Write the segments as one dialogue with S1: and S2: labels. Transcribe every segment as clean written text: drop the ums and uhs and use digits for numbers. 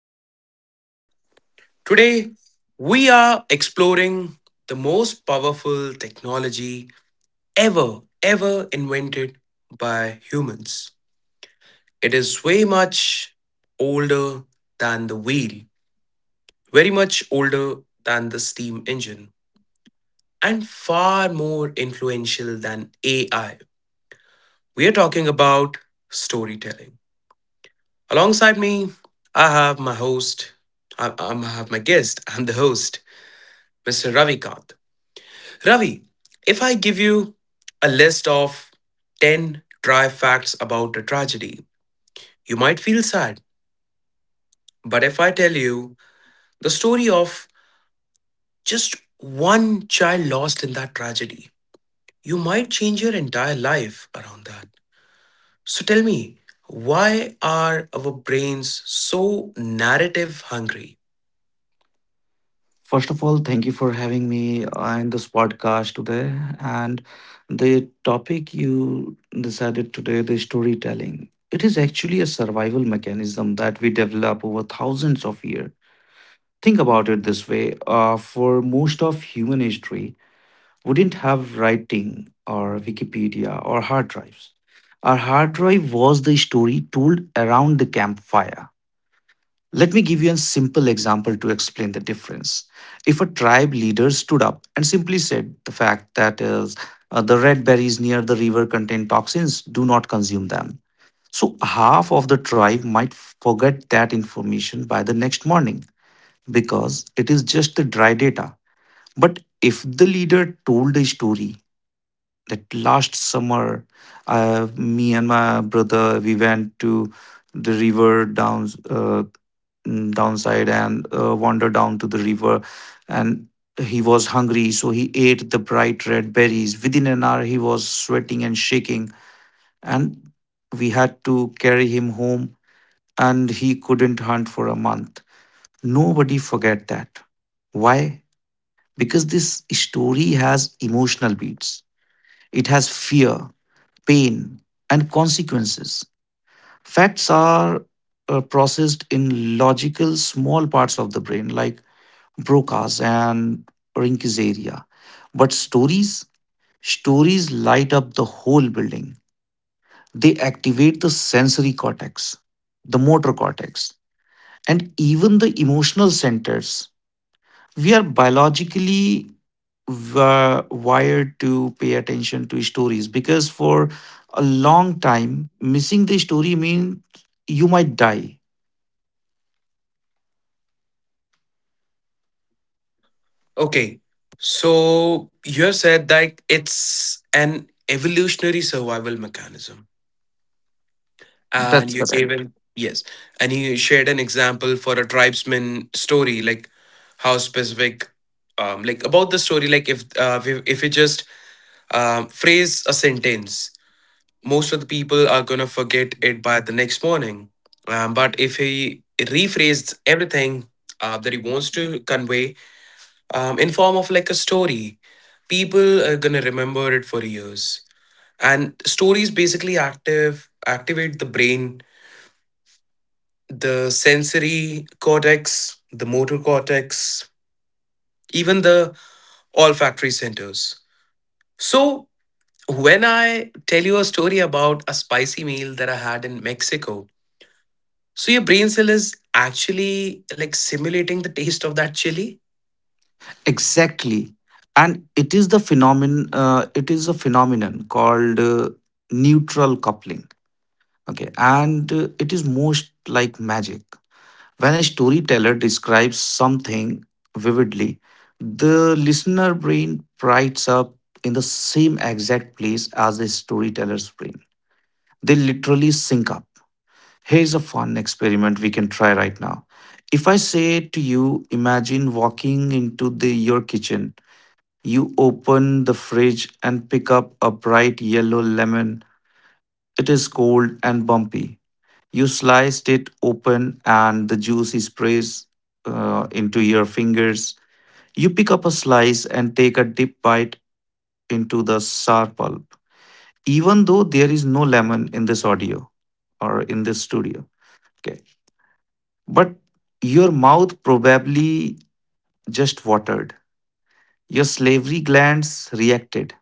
S1: our podcast. Today, we are exploring the most powerful technology ever invented by humans. It is way much older than the wheel, very much older than the steam engine, and far more influential than AI. We are talking about storytelling. Alongside me, I have my host, I have my guest, I'm the host, Mr. Ravi Kant. Ravi, if I give you a list of 10 dry facts about a tragedy, you might feel sad. But if I tell you the story of just one child lost in that tragedy, you might change your entire life around that. So tell me, why are our brains so narrative hungry?
S2: First of all, thank you for having me on this podcast today. And the topic you decided today, the storytelling, it is actually a survival mechanism that we develop over thousands of years. Think about it this way, for most of human history, we didn't have writing or Wikipedia or hard drives. Our hard drive was the story told around the campfire. Let me give you a simple example to explain the difference. If a tribe leader stood up and simply said the fact that is, the red berries near the river contain toxins, do not consume them. So half of the tribe might forget that information by the next morning, because it is just the dry data. But if the leader told a story that last summer, me and my brother, we went to the river down downside and wandered down to the river, and he was hungry, so he ate the bright red berries. Within an hour he was sweating and shaking, and we had to carry him home, and he couldn't hunt for a month. Nobody forget that. Why? Because this story has emotional beats. It has fear, pain, and consequences. Facts are processed in logical small parts of the brain like Broca's and Rinki's area. But stories light up the whole building. They activate the sensory cortex, the motor cortex, and even the emotional centers. We are biologically wired to pay attention to stories, because for a long time, missing the story means you might die.
S1: Okay. So you have said that it's an evolutionary survival mechanism. And
S2: That's
S1: you gave
S2: correct.
S1: an yes. And you shared an example for a tribesman story, like how specific like about the story, like if it just phrase a sentence, most of the people are gonna forget it by the next morning. But if he rephrased everything that he wants to convey, in form of like a story, people are going to remember it for years. And stories basically active activate the brain, the sensory cortex, the motor cortex, even the olfactory centers. So when I tell you a story about a spicy meal that I had in Mexico, so your brain cell is actually like simulating the taste of that chili.
S2: Exactly, and it is a phenomenon called neutral coupling. Okay, and it is most like magic. When a storyteller describes something vividly, the listener brain brights up in the same exact place as the storyteller's brain. They literally sync up. Here's a fun experiment we can try right now. If I say to you, imagine walking into your kitchen, you open the fridge and pick up a bright yellow lemon. It is cold and bumpy. You sliced it open and the juice sprays into your fingers. You pick up a slice and take a deep bite into the sour pulp. Even though there is no lemon in this audio or in this studio, okay, but your mouth probably just watered. Your slavery glands reacted.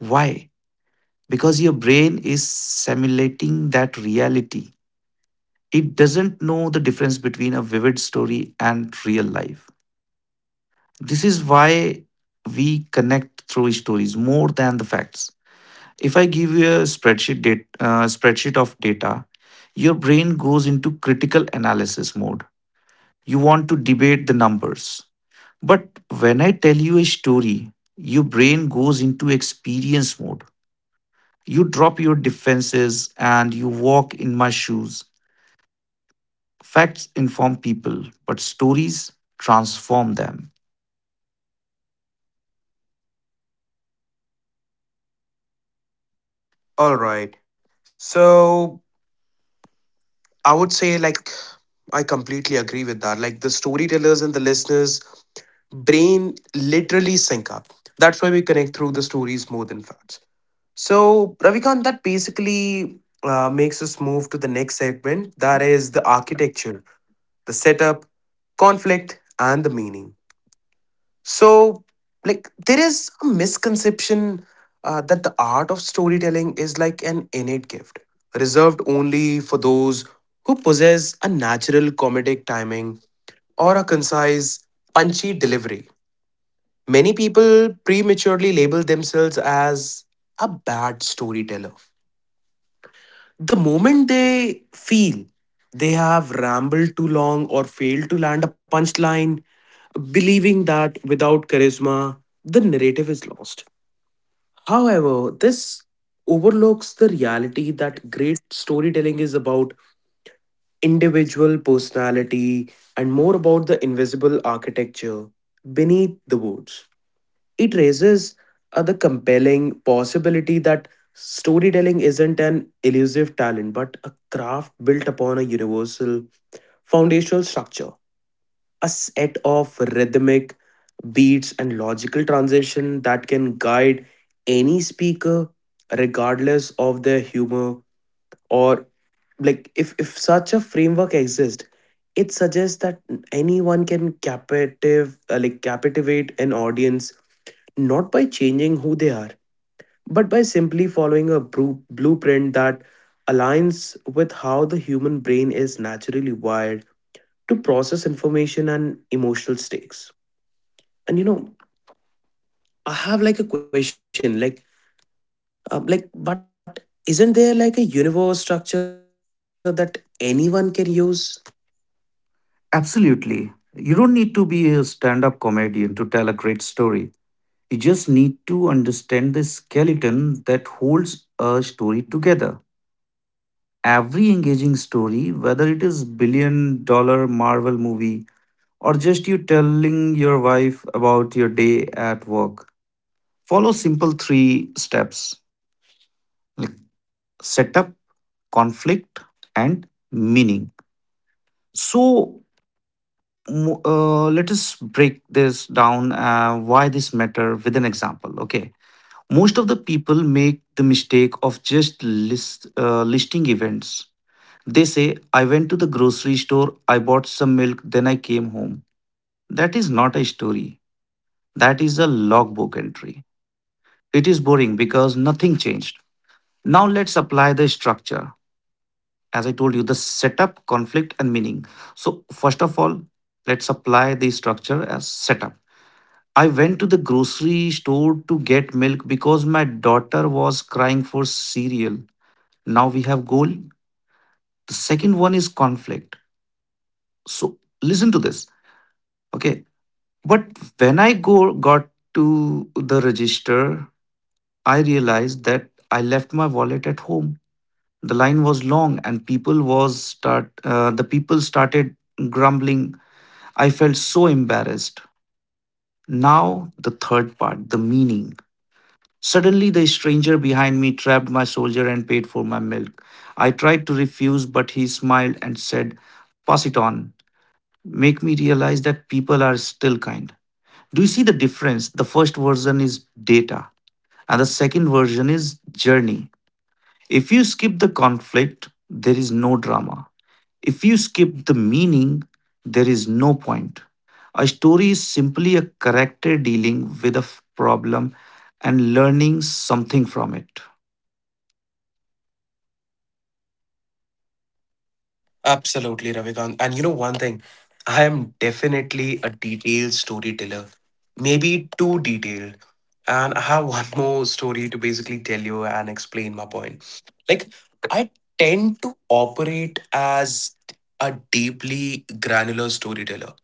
S2: Why? Because your brain is simulating that reality. It doesn't know the difference between a vivid story and real life. This is why we connect through stories more than the facts. If I give you a spreadsheet, spreadsheet of data, your brain goes into critical analysis mode. You want to debate the numbers. But when I tell you a story, your brain goes into experience mode. You drop your defenses and you walk in my shoes. Facts inform people, but stories transform them.
S1: All right. So I would say, like, I completely agree with that. Like, the storytellers and the listeners' brain literally sync up. That's why we connect through the stories more than facts. So, Ravikant, that basically makes us move to the next segment, that is the architecture, the setup, conflict, and the meaning. So, like, there is a misconception that the art of storytelling is like an innate gift, reserved only for those who possess a natural comedic timing or a concise, punchy delivery. Many people prematurely label themselves as a bad storyteller, the moment they feel they have rambled too long or failed to land a punchline, believing that without charisma, the narrative is lost. However, this overlooks the reality that great storytelling is about individual personality and more about the invisible architecture beneath the words. It raises the compelling possibility that storytelling isn't an elusive talent but a craft built upon a universal foundational structure, a set of rhythmic beats and logical transition that can guide any speaker regardless of their humor. Or, like, if such a framework exists, it suggests that anyone can captive like captivate an audience, not by changing who they are but by simply following a blueprint that aligns with how the human brain is naturally wired to process information and emotional stakes. And you know, I have like a question, like, but isn't there like a universe structure that anyone can use?
S2: Absolutely. You don't need to be a stand up comedian to tell a great story. You just need to understand the skeleton that holds a story together. Every engaging story, whether it is billion dollar Marvel movie or just you telling your wife about your day at work, follow simple three steps: setup, conflict, and meaning. So, let us break this down, why this matter with an example. Okay, most of the people make the mistake of just listing events. They say, I went to the grocery store, I bought some milk, then I came home. That is not a story. That is a logbook entry. It is boring because nothing changed. Now let's apply the structure, as I told you: the setup, conflict, and meaning. So, first of all, let's apply the structure as setup. I went to the grocery store to get milk because my daughter was crying for cereal. Now we have goal. The second one is conflict. So, listen to this. Okay, but when I go got to the register, I realized that I left my wallet at home. The line was long, and people was start. The people started grumbling. I felt so embarrassed. Now the third part, the meaning. Suddenly, the stranger behind me trapped my soldier and paid for my milk. I tried to refuse, but he smiled and said, "Pass it on." Make me realize that people are still kind. Do you see the difference? The first version is data, and the second version is journey. If you skip the conflict, there is no drama. If you skip the meaning, there is no point. A story is simply a character dealing with a problem and learning something from it.
S1: Absolutely, Ravikant. And you know one thing, I am definitely a detailed storyteller, maybe too detailed. And I have one more story to basically tell you and explain my point. Like, I tend to operate as a deeply granular storyteller.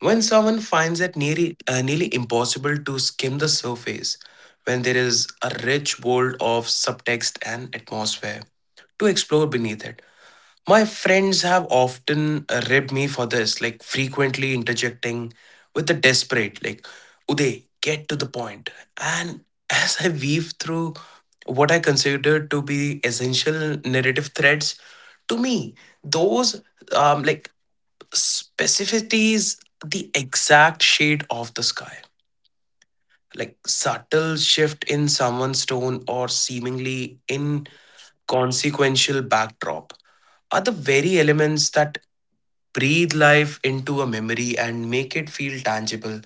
S1: When someone finds it nearly impossible to skim the surface, when there is a rich world of subtext and atmosphere to explore beneath it, my friends have often ribbed me for this, like frequently interjecting with the desperate, like, Uday, get to the point. And as I weave through what I consider to be essential narrative threads, to me, those um, like specificities, the exact shade of the sky, like subtle shift in someone's tone or seemingly inconsequential backdrop, are the very elements that breathe life into a memory and make it feel tangible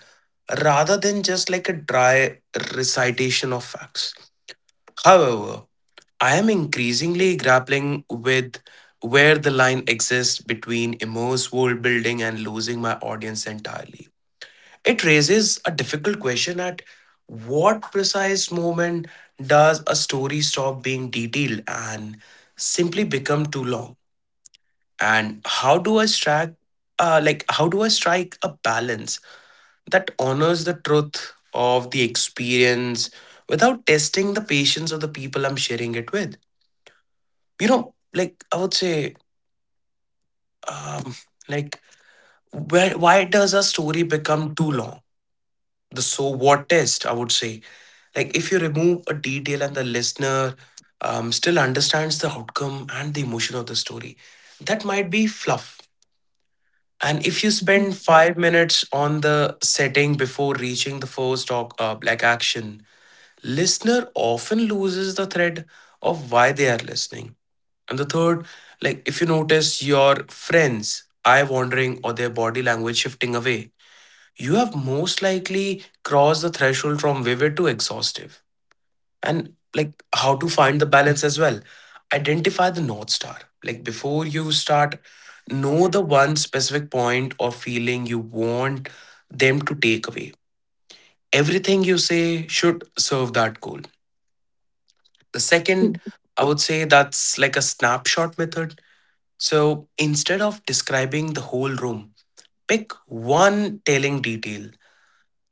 S1: rather than just like a dry recitation of facts. However, I am increasingly grappling with where the line exists between immense world building and losing my audience entirely. It raises a difficult question: at what precise moment does a story stop being detailed and simply become too long? And how do I strike a balance that honors the truth of the experience without testing the patience of the people I'm sharing it with? You know, like, I would say, um like where why does a story become too long? The so what test, I would say. Like, if you remove a detail and the listener still understands the outcome and the emotion of the story, that might be fluff. And if you spend 5 minutes on the setting before reaching the first talk, like action, listener often loses the thread of why they are listening. And the third, like if you notice your friends eye wandering or their body language shifting away, you have most likely crossed the threshold from vivid to exhaustive. And like, how to find the balance as well: identify the north star. Like before you start, know the one specific point or feeling you want them to take away. Everything you say should serve that goal. The second, I would say that's like a snapshot method. So instead of describing the whole room, pick one telling detail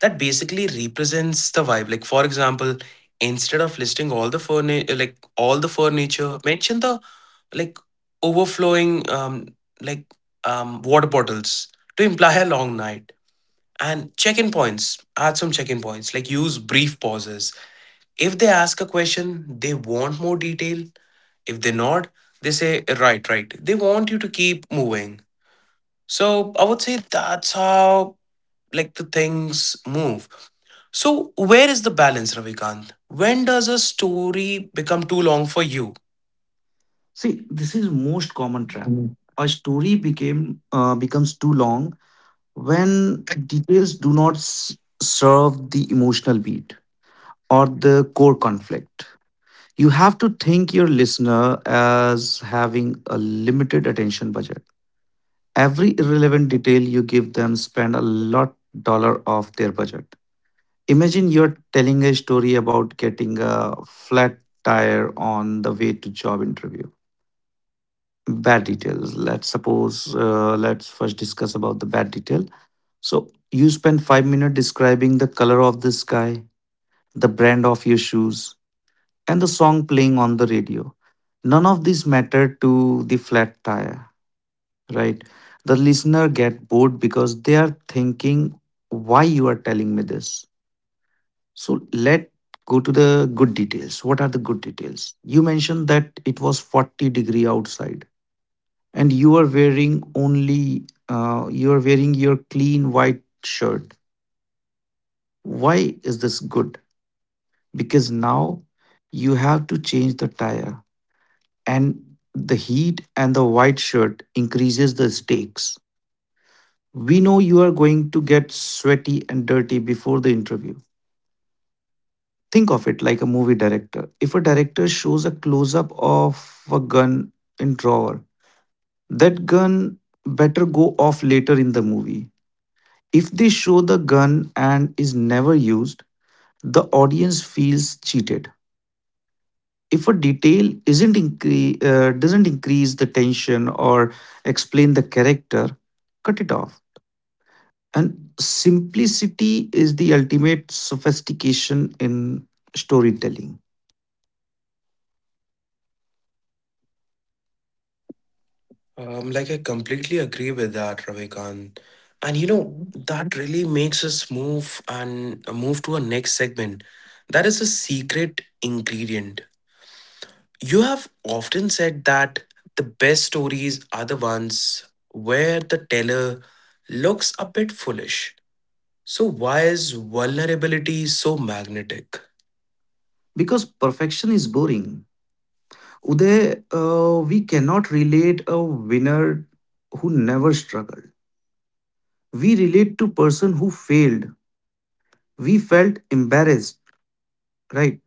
S1: that basically represents the vibe. Like for example, instead of listing all the furniture, mention the, like overflowing like water bottles to imply a long night. And check-in points. Add some check-in points. Like, use brief pauses. If they ask a question, they want more detail. If they nod, they say right, right. They want you to keep moving. So I would say that's how like the things move. So where is the balance, Ravikant? When does a story become too long for you?
S2: See, this is most common trap.
S1: Mm.
S2: A story became becomes too long when details do not serve the emotional beat or the core conflict. You have to think your listener as having a limited attention budget. Every irrelevant detail you give them spend a lot dollar of their budget. Imagine you're telling a story about getting a flat tire on the way to job interview. Bad details: let's suppose, let's first discuss about the bad detail. So you spend 5 minutes describing the color of the sky, the brand of your shoes, and the song playing on the radio. None of these matter to the flat tire, right? The listener get bored because they are thinking, why you are telling me this? So let go to the good details. What are the good details? You mentioned that it was 40-degree outside and you are wearing only, you are wearing your clean white shirt. Why is this good? Because now you have to change the tire, and the heat and the white shirt increases the stakes. We know you are going to get sweaty and dirty before the interview. Think of it like a movie director. If a director shows a close up of a gun in drawer, that gun better go off later in the movie. If they show the gun and is never used, the audience feels cheated. If a detail isn't incre- doesn't increase the tension or explain the character, cut it off. And simplicity is the ultimate sophistication in storytelling.
S1: I completely agree with that, Ravikant. And you know, that really makes us move to our next segment. That is a secret ingredient. You have often said that the best stories are the ones where the teller looks a bit foolish. So, why is vulnerability so magnetic?
S2: Because perfection is boring. Uday, we cannot relate a winner who never struggled. We relate to person who failed. We felt embarrassed, right?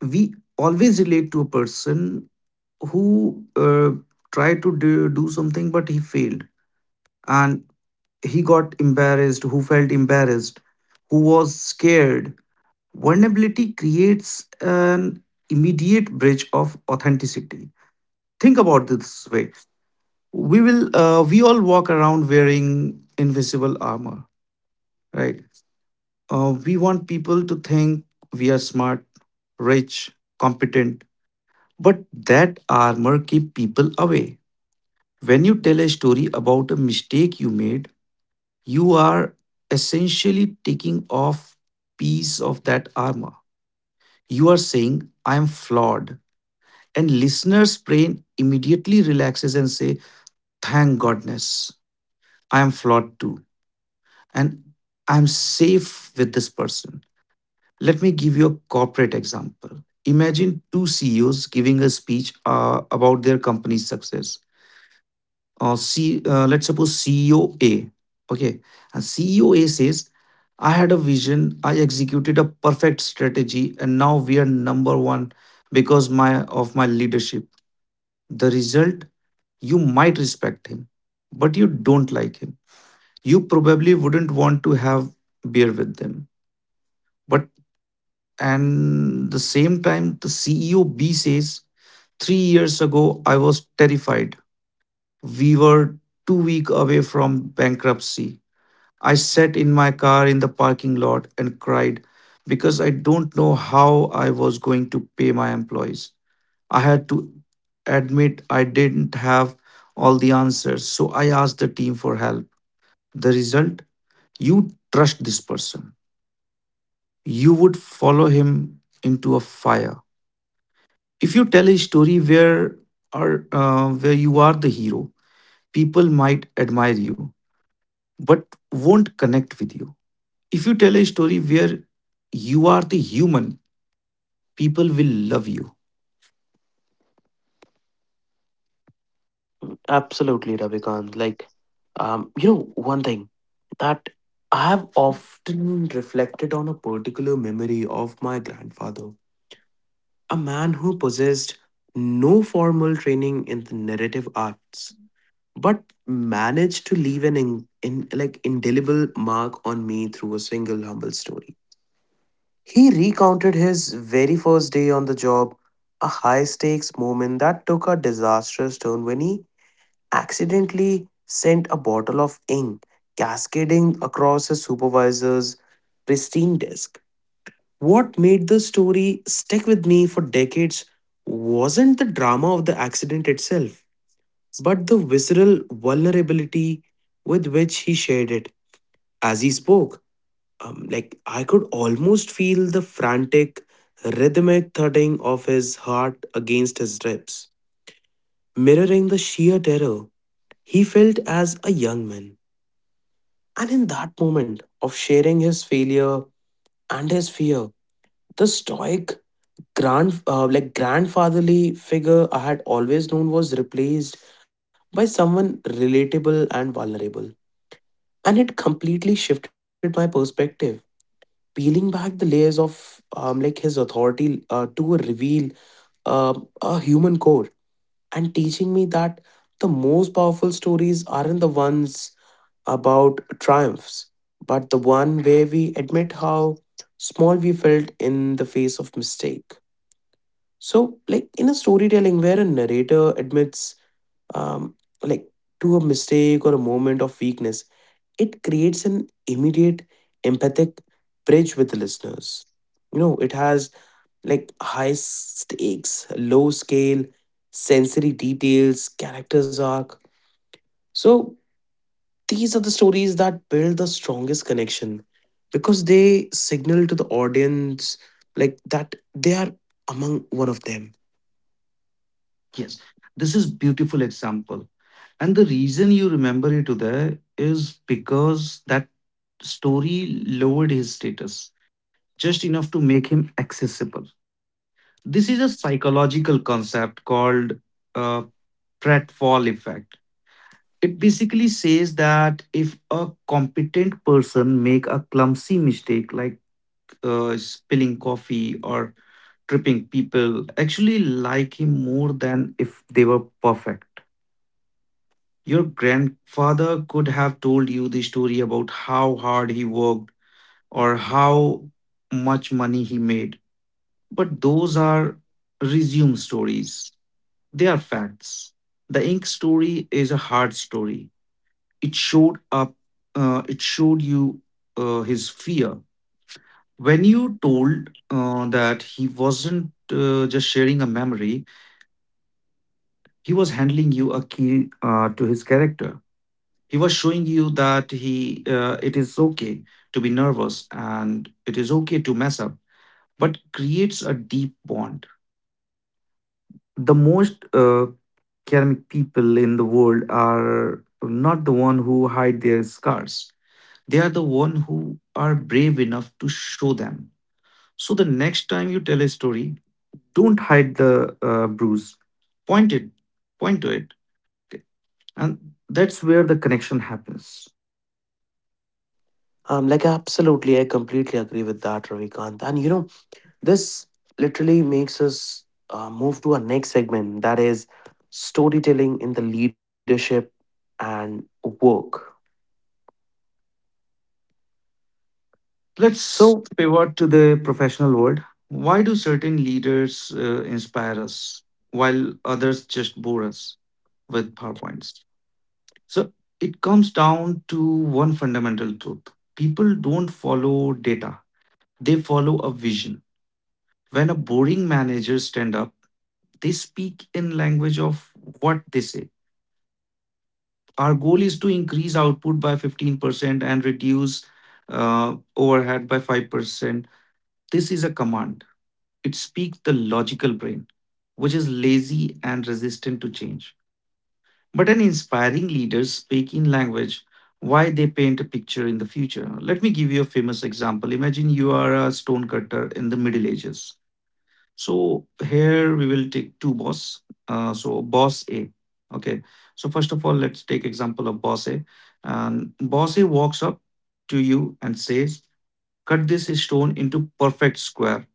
S2: We always relate to a person who do something but he failed, and he got embarrassed, who felt embarrassed, who was scared. Vulnerability creates an immediate bridge of authenticity. Think about this way, we all walk around wearing invisible armor, right? We want people to think we are smart, rich, competent, but that armor keep people away. When you tell a story about a mistake you made, you are essentially taking off piece of that armor. You are saying I am flawed, and listener's brain immediately relaxes and say, thank goodness, I am flawed too, and I'm safe with this person. Let me give you a corporate example. Imagine two CEOs giving a speech about their company's success. Let's suppose CEO A, okay, and CEO A says, "I had a vision, I executed a perfect strategy, and now we are number one because my of my leadership." The result, you might respect him, but you don't like him. You probably wouldn't want to have beer with them. But And the same time, the CEO B says, 3 years ago, I was terrified. We were 2 weeks away from bankruptcy. I sat in my car in the parking lot and cried because I don't know how I was going to pay my employees. I had to admit I didn't have all the answers, so I asked the team for help. The result? You trust this person. You would follow him into a fire. If you tell a story where are where you are the hero, people might admire you but won't connect with you. If you tell a story where you are the human, people will love you.
S1: Absolutely, Ravikant. Like, you know, one thing that I have often reflected on, a particular memory of my grandfather, a man who possessed no formal training in the narrative arts, but managed to leave an in like indelible mark on me through a single humble story. He recounted his very first day on the job, a high stakes moment that took a disastrous turn when he accidentally sent a bottle of ink cascading across his supervisor's pristine desk. What made the story stick with me for decades wasn't the drama of the accident itself, but the visceral vulnerability with which he shared it. As he spoke, I could almost feel the frantic, rhythmic thudding of his heart against his ribs, mirroring the sheer terror he felt as a young man. And in that moment of sharing his failure and his fear, the stoic grandfatherly figure I had always known was replaced by someone relatable and vulnerable. And it completely shifted my perspective, peeling back the layers of his authority to reveal a human core, and teaching me that the most powerful stories aren't the ones about triumphs but the one where we admit how small we felt in the face of mistake. So like, in a storytelling where a narrator admits, um, like to a mistake or a moment of weakness, it creates an immediate empathic bridge with the listeners. You know, it has like high stakes, low scale, sensory details, characters arc. So these are the stories that build the strongest connection because they signal to the audience like that they are among one of them.
S2: Yes, this is beautiful example. And the reason you remember it today is because that story lowered his status just enough to make him accessible. This is a psychological concept called uh, pratfall effect. It basically says that if a competent person make a clumsy mistake like spilling coffee or tripping, people actually like him more than if they were perfect. Your grandfather could have told you the story about how hard he worked or how much money he made, but those are resume stories. They are facts. The ink story is a hard story. It showed up, it showed you his fear. When you told that he wasn't just sharing a memory, he was handling you a key to his character. He was showing you that he, it is okay to be nervous and it is okay to mess up, but creates a deep bond. The most academic people in the world are not the one who hide their scars. They are the one who are brave enough to show them. So the next time you tell a story, don't hide the bruise. Point it, point to it, okay? And that's where the connection happens.
S1: Absolutely, I completely agree with that, Ravikant. And you know, this literally makes us move to our next segment, that is storytelling in the leadership and work.
S2: Let's
S1: So,
S2: pivot to the professional world. Why do certain leaders inspire us while others just bore us with PowerPoints? So it comes down to one fundamental truth: people don't follow data, they follow a vision. When a boring manager stand up, they speak in language of what they say. Our goal is to increase output by 15% and reduce overhead by 5%. This is a command. It speaks the logical brain, which is lazy and resistant to change. But an inspiring leader speak in language why: they paint a picture in the future. Let me give you a famous example. Imagine you are a stonecutter in the Middle Ages. So here we will take two boss. So boss A. Okay. So first of all, let's take example of boss A. And boss A walks up to you and says, "Cut this stone into perfect square.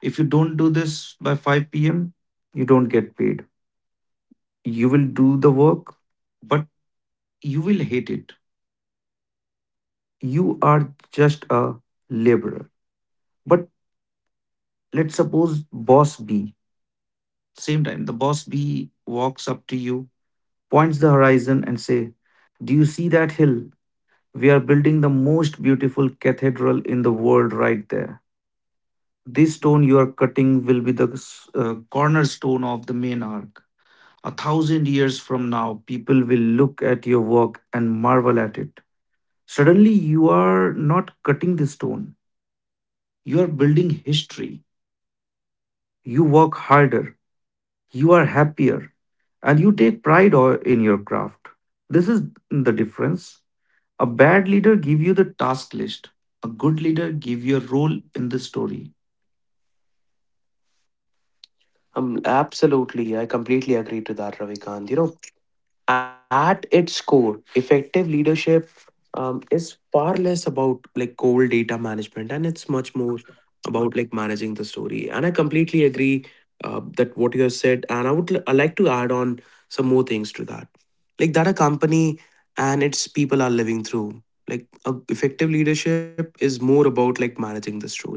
S2: If you don't do this by 5 p.m., you don't get paid." You will do the work, but you will hate it. You are just a laborer. But let's suppose boss B, same time, the boss B walks up to you, points the horizon and say, "Do you see that hill? We are building the most beautiful cathedral in the world right there. This stone you are cutting will be the cornerstone of the main arc. A thousand years from now, people will look at your work and marvel at it." Suddenly, you are not cutting the stone, you are building history. You work harder, you are happier, and you take pride in your craft. This is the difference. A bad leader give you the task list. A good leader give you a role in the story.
S1: absolutely, I completely agree to that, Ravikant. You know, at its core, effective leadership is far less about like cold data management and it's much more about like managing the story. And I completely agree that what you have said. And I would I like to add on some more things to that, like that a company and its people are living through. Like a effective leadership is more about like managing the story.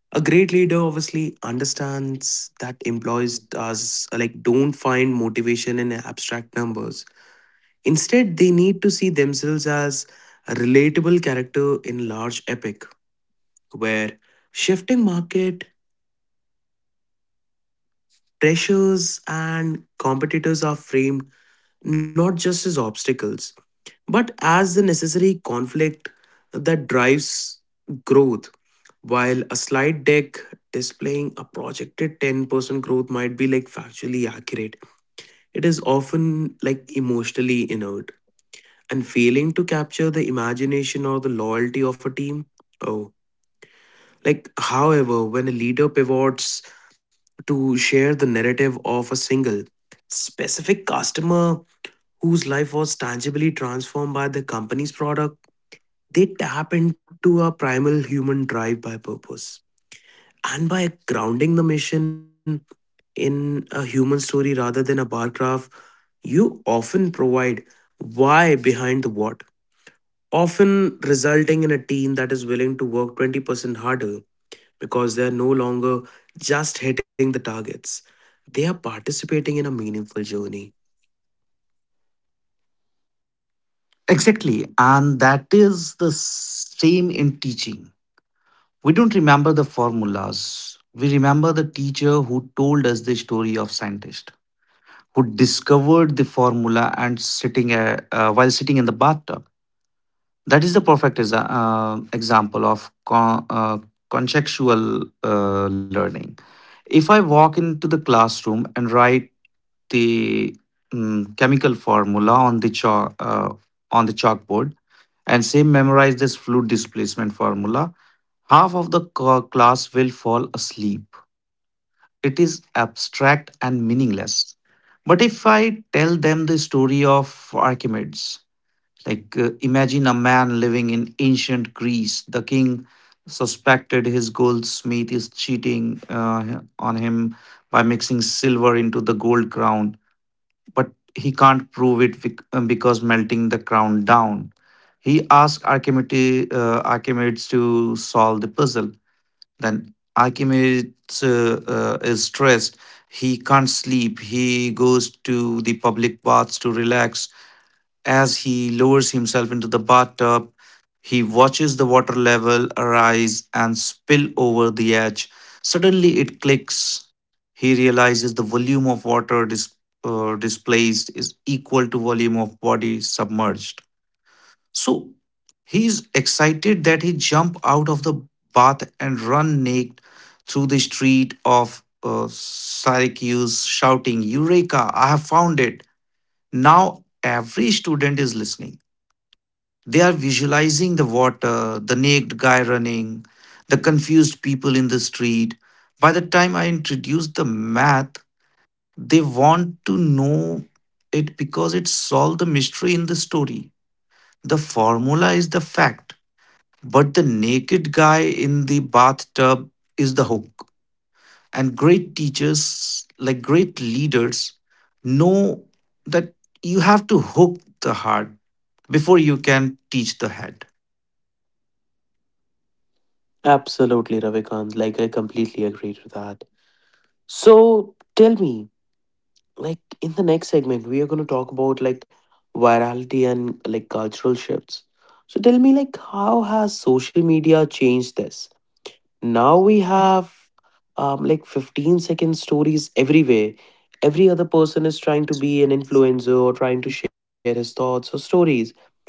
S1: A great leader obviously understands that employees does like don't find motivation in abstract numbers. Instead, they need to see themselves as a relatable character in large epic, where shifting market pressures and competitors are framed not just as obstacles but as the necessary conflict that drives growth. While a slide deck displaying a projected 10% growth might be like factually accurate, it is often like emotionally inert and failing to capture the imagination or the loyalty of a team. Oh, like, however, when a leader pivots to share the narrative of a single specific customer whose life was tangibly transformed by the company's product, they tap into a primal human drive by purpose. And by grounding the mission in a human story rather than a bar graph, you often provide why behind the what, often resulting in a team that is willing to work 20% harder because they are no longer just hitting the targets. They are participating in a meaningful journey.
S2: Exactly, and that is the same in teaching. We don't remember the formulas. We remember the teacher who told us the story of scientist who discovered the formula and sitting while sitting in the bathtub. That is the perfect example of contextual learning. If I walk into the classroom and write the chemical formula on the chalk on the chalkboard and say memorize this fluid displacement formula, half of the class will fall asleep. It is abstract and meaningless. But if I tell them the story of Archimedes, like imagine a man living in ancient Greece, the king suspected his goldsmith is cheating on him by mixing silver into the gold crown, but he can't prove it because melting the crown down. He asked Archimedes, Archimedes to solve the puzzle. Then Archimedes is stressed. He can't sleep. He goes to the public baths to relax. As he lowers himself into the bathtub, he watches the water level arise and spill over the edge. Suddenly it clicks. He realizes the volume of water displaced is equal to volume of body submerged. So he's excited that he jump out of the bath and run naked through the street of Syracuse, shouting, "Eureka! I have found it!" Now every student is listening. They are visualizing the water, the naked guy running, the confused people in the street. By the time I introduce the math, they want to know it because it solved the mystery in the story. The formula is the fact, but the naked guy in the bathtub is the hook. And great teachers, like great leaders, know that you have to hook the heart before you can teach the head.
S1: Absolutely, Ravikant. Like, I completely agree to that. So, tell me, like, in the next segment, we are going to talk about like virality and like cultural shifts. So, tell me, like, how has social media changed this? Now we have like 15-second stories everywhere. Every other person is trying to be an influencer or trying to share his thoughts or stories.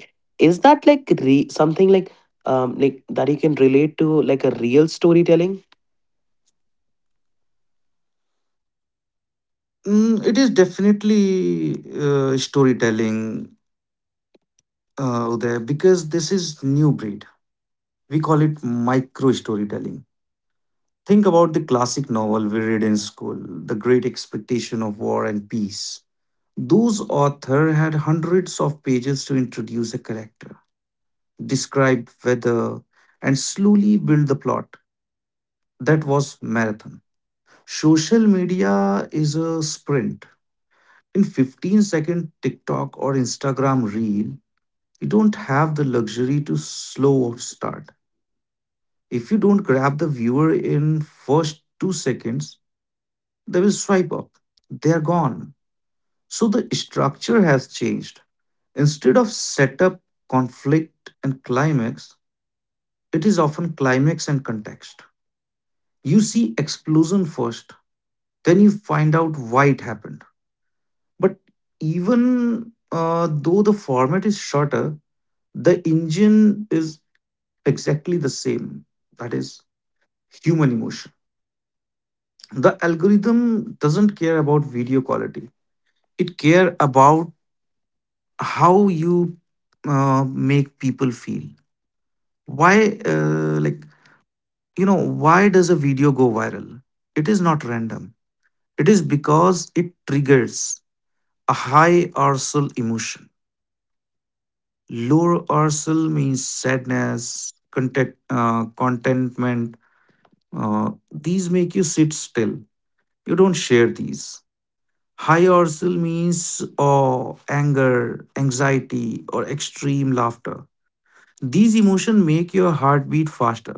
S1: Is that like something like that you can relate to, like a real storytelling?
S2: Mm, it is definitely storytelling, Uday, because this is new breed. We call it micro storytelling. Think about the classic novel we read in school, The Great Expectation of War and Peace. Those authors had hundreds of pages to introduce a character, describe weather, and slowly build the plot. That was marathon. Social media is a sprint. In 15-second TikTok or Instagram reel, you don't have the luxury to slow start. If you don't grab the viewer in first 2 seconds, they will swipe up. They are gone. So the structure has changed. Instead of setup, conflict, and climax, it is often climax and context. You see explosion first, then you find out why it happened. But even though the format is shorter, the engine is exactly the same, that is, human emotion. The algorithm doesn't care about video quality, it care about how you make people feel. Why like You know, why does a video go viral? It is not random. It is because it triggers a high arousal emotion. Low arousal means sadness, content, contentment. These make you sit still. You don't share these. High arousal means awe, anger, anxiety, or extreme laughter. These emotions make your heartbeat faster.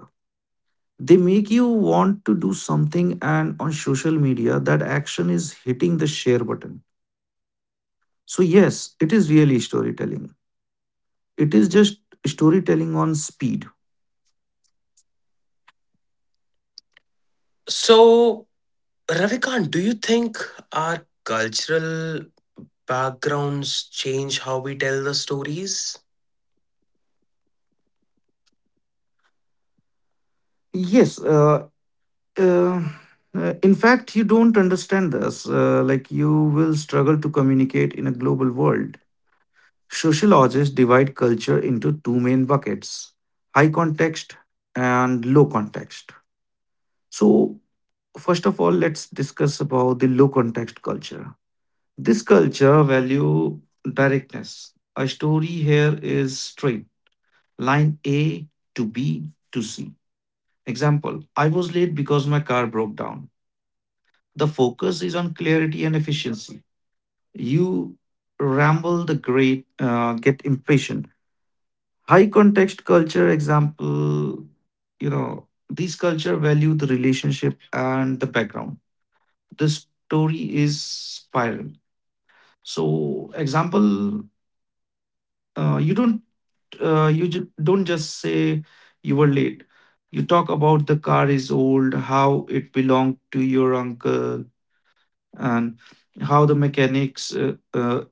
S2: They make you want to do something, and on social media, that action is hitting the share button. So yes, it is really storytelling. It is just storytelling on speed.
S1: So, Ravikant, do you think our cultural backgrounds change how we tell the stories?
S2: Yes. Uh, in fact, you don't understand this. Like, you will struggle to communicate in a global world. Sociologists divide culture into two main buckets: high context and low context. So, first of all, let's discuss about the low context culture. This culture value directness. A story here is straight line A to B to C. Example: I was late because my car broke down. The focus is on clarity and efficiency. You ramble the great, get impatient. High context culture, example, you know, these culture value the relationship and the background. This story is spiral. So, example, you don't don't just say you were late. You talk about the car is old, how it belonged to your uncle, and how the mechanics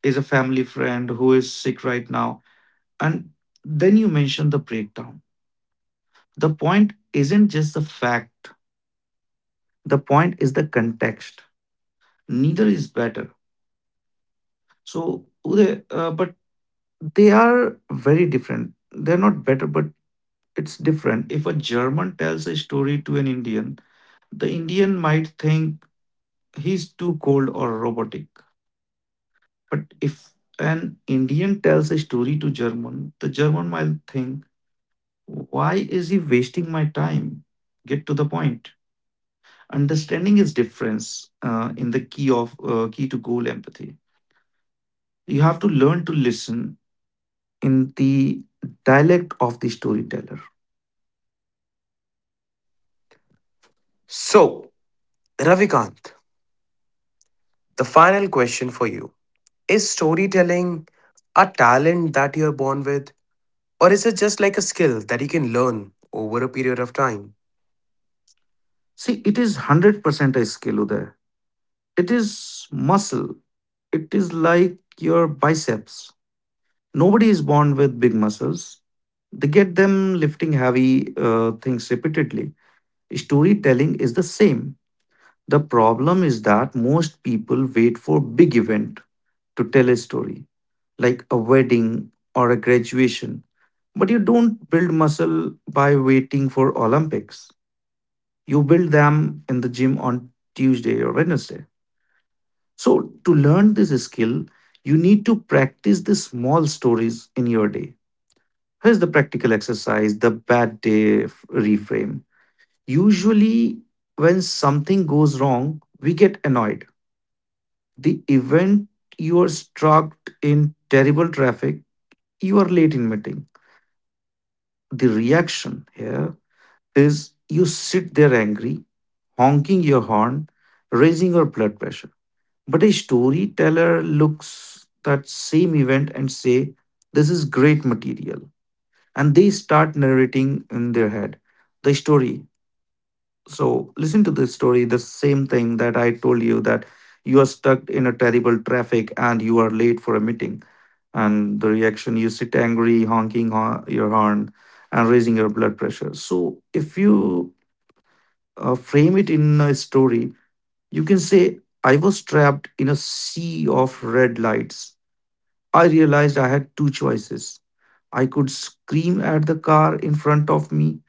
S2: is a family friend who is sick right now. And then you mention the breakdown. The point isn't just the fact, the point is the context. Neither is better. So, Uday, but they are very different. They're not better, but it's different. If a German tells a story to an Indian, the Indian might think he's too cold or robotic. But if an Indian tells a story to German, the German might think, why is he wasting my time? Get to the point. Understanding is difference in the key of key to goal empathy. You have to learn to listen in the dialect of the storyteller.
S1: So, Ravikant, the final question for you. Is storytelling a talent that you're born with, or is it just like a skill that you can learn over a period of time?
S2: See, it is 100% a skill there. It is muscle. It is like your biceps. Nobody is born with big muscles. They get them lifting heavy things repeatedly. Storytelling is the same. The problem is that most people wait for big event to tell a story, like a wedding or a graduation. But you don't build muscle by waiting for Olympics. You build them in the gym on Tuesday or Wednesday. So to learn this skill, you need to practice the small stories in your day. Here's the practical exercise: the bad day reframe. Usually, when something goes wrong, we get annoyed. The event: you are stuck in terrible traffic, you are late in meeting. The reaction here is you sit there angry, honking your horn, raising your blood pressure. But a storyteller looks that same event and say, "This is great material," and they start narrating in their head the story. So listen to this story, the same thing that I told you that you are stuck in a terrible traffic and you are late for a meeting. And the reaction: you sit angry, honking your horn and raising your blood pressure. So if you frame it in a story, you can say, I was trapped in a sea of red lights. I realized I had two choices. I could scream at the car in front of me,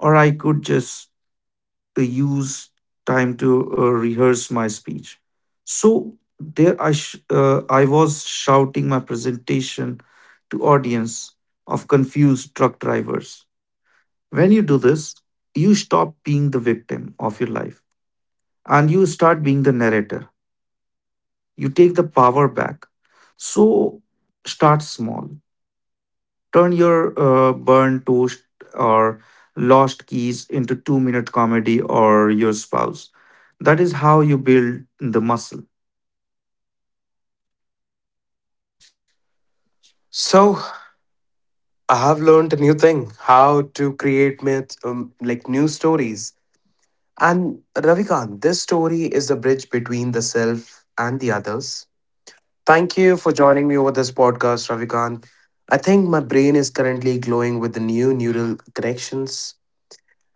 S2: or I could just use time to rehearse my speech. So there I was shouting my presentation to audience of confused truck drivers. When you do this, you stop being the victim of your life and you start being the narrator. You take the power back. So start small. Turn your burnt toast or lost keys into 2 minute comedy or your spouse. That is how you build the muscle.
S1: So, I have learned a new thing how to create myths, like new stories. And Ravikant, this story is the bridge between the self and the others. Thank you for joining me over this podcast, Ravikant. I think my brain is currently glowing with the new neural connections,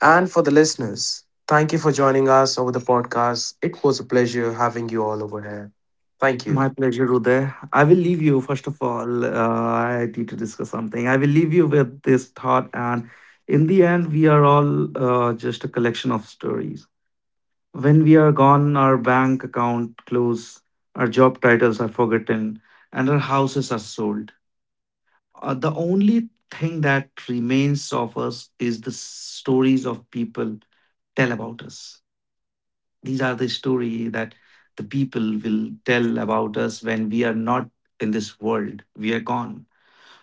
S1: and for the listeners, thank you for joining us over the podcast. It was a pleasure having you all over here. Thank
S2: My
S1: you.
S2: pleasure, Uday. I will leave you, first of all, I need to discuss something. I will leave you with this thought. And in the end, we are all just a collection of stories. When we are gone, our bank account close, our job titles are forgotten, and our houses are sold. The only thing that remains of us is the stories of people tell about us. These are the story that the people will tell about us when we are not in this world. We are gone.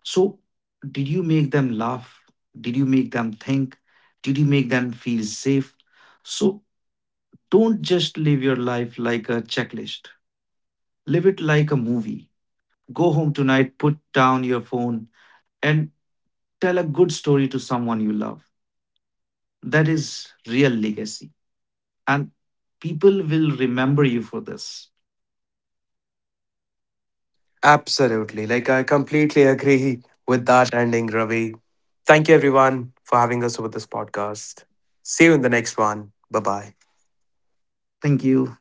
S2: So, did you make them laugh? Did you make them think? Did you make them feel safe? So, don't just live your life like a checklist. Live it like a movie. Go home tonight, put down your phone, and tell a good story to someone you love. That is real legacy. And people will remember you for this.
S1: Absolutely. Like, I completely agree with that ending, Ravi. Thank you, everyone, for having us over this podcast. See you in the next one. Bye bye.
S2: Thank you.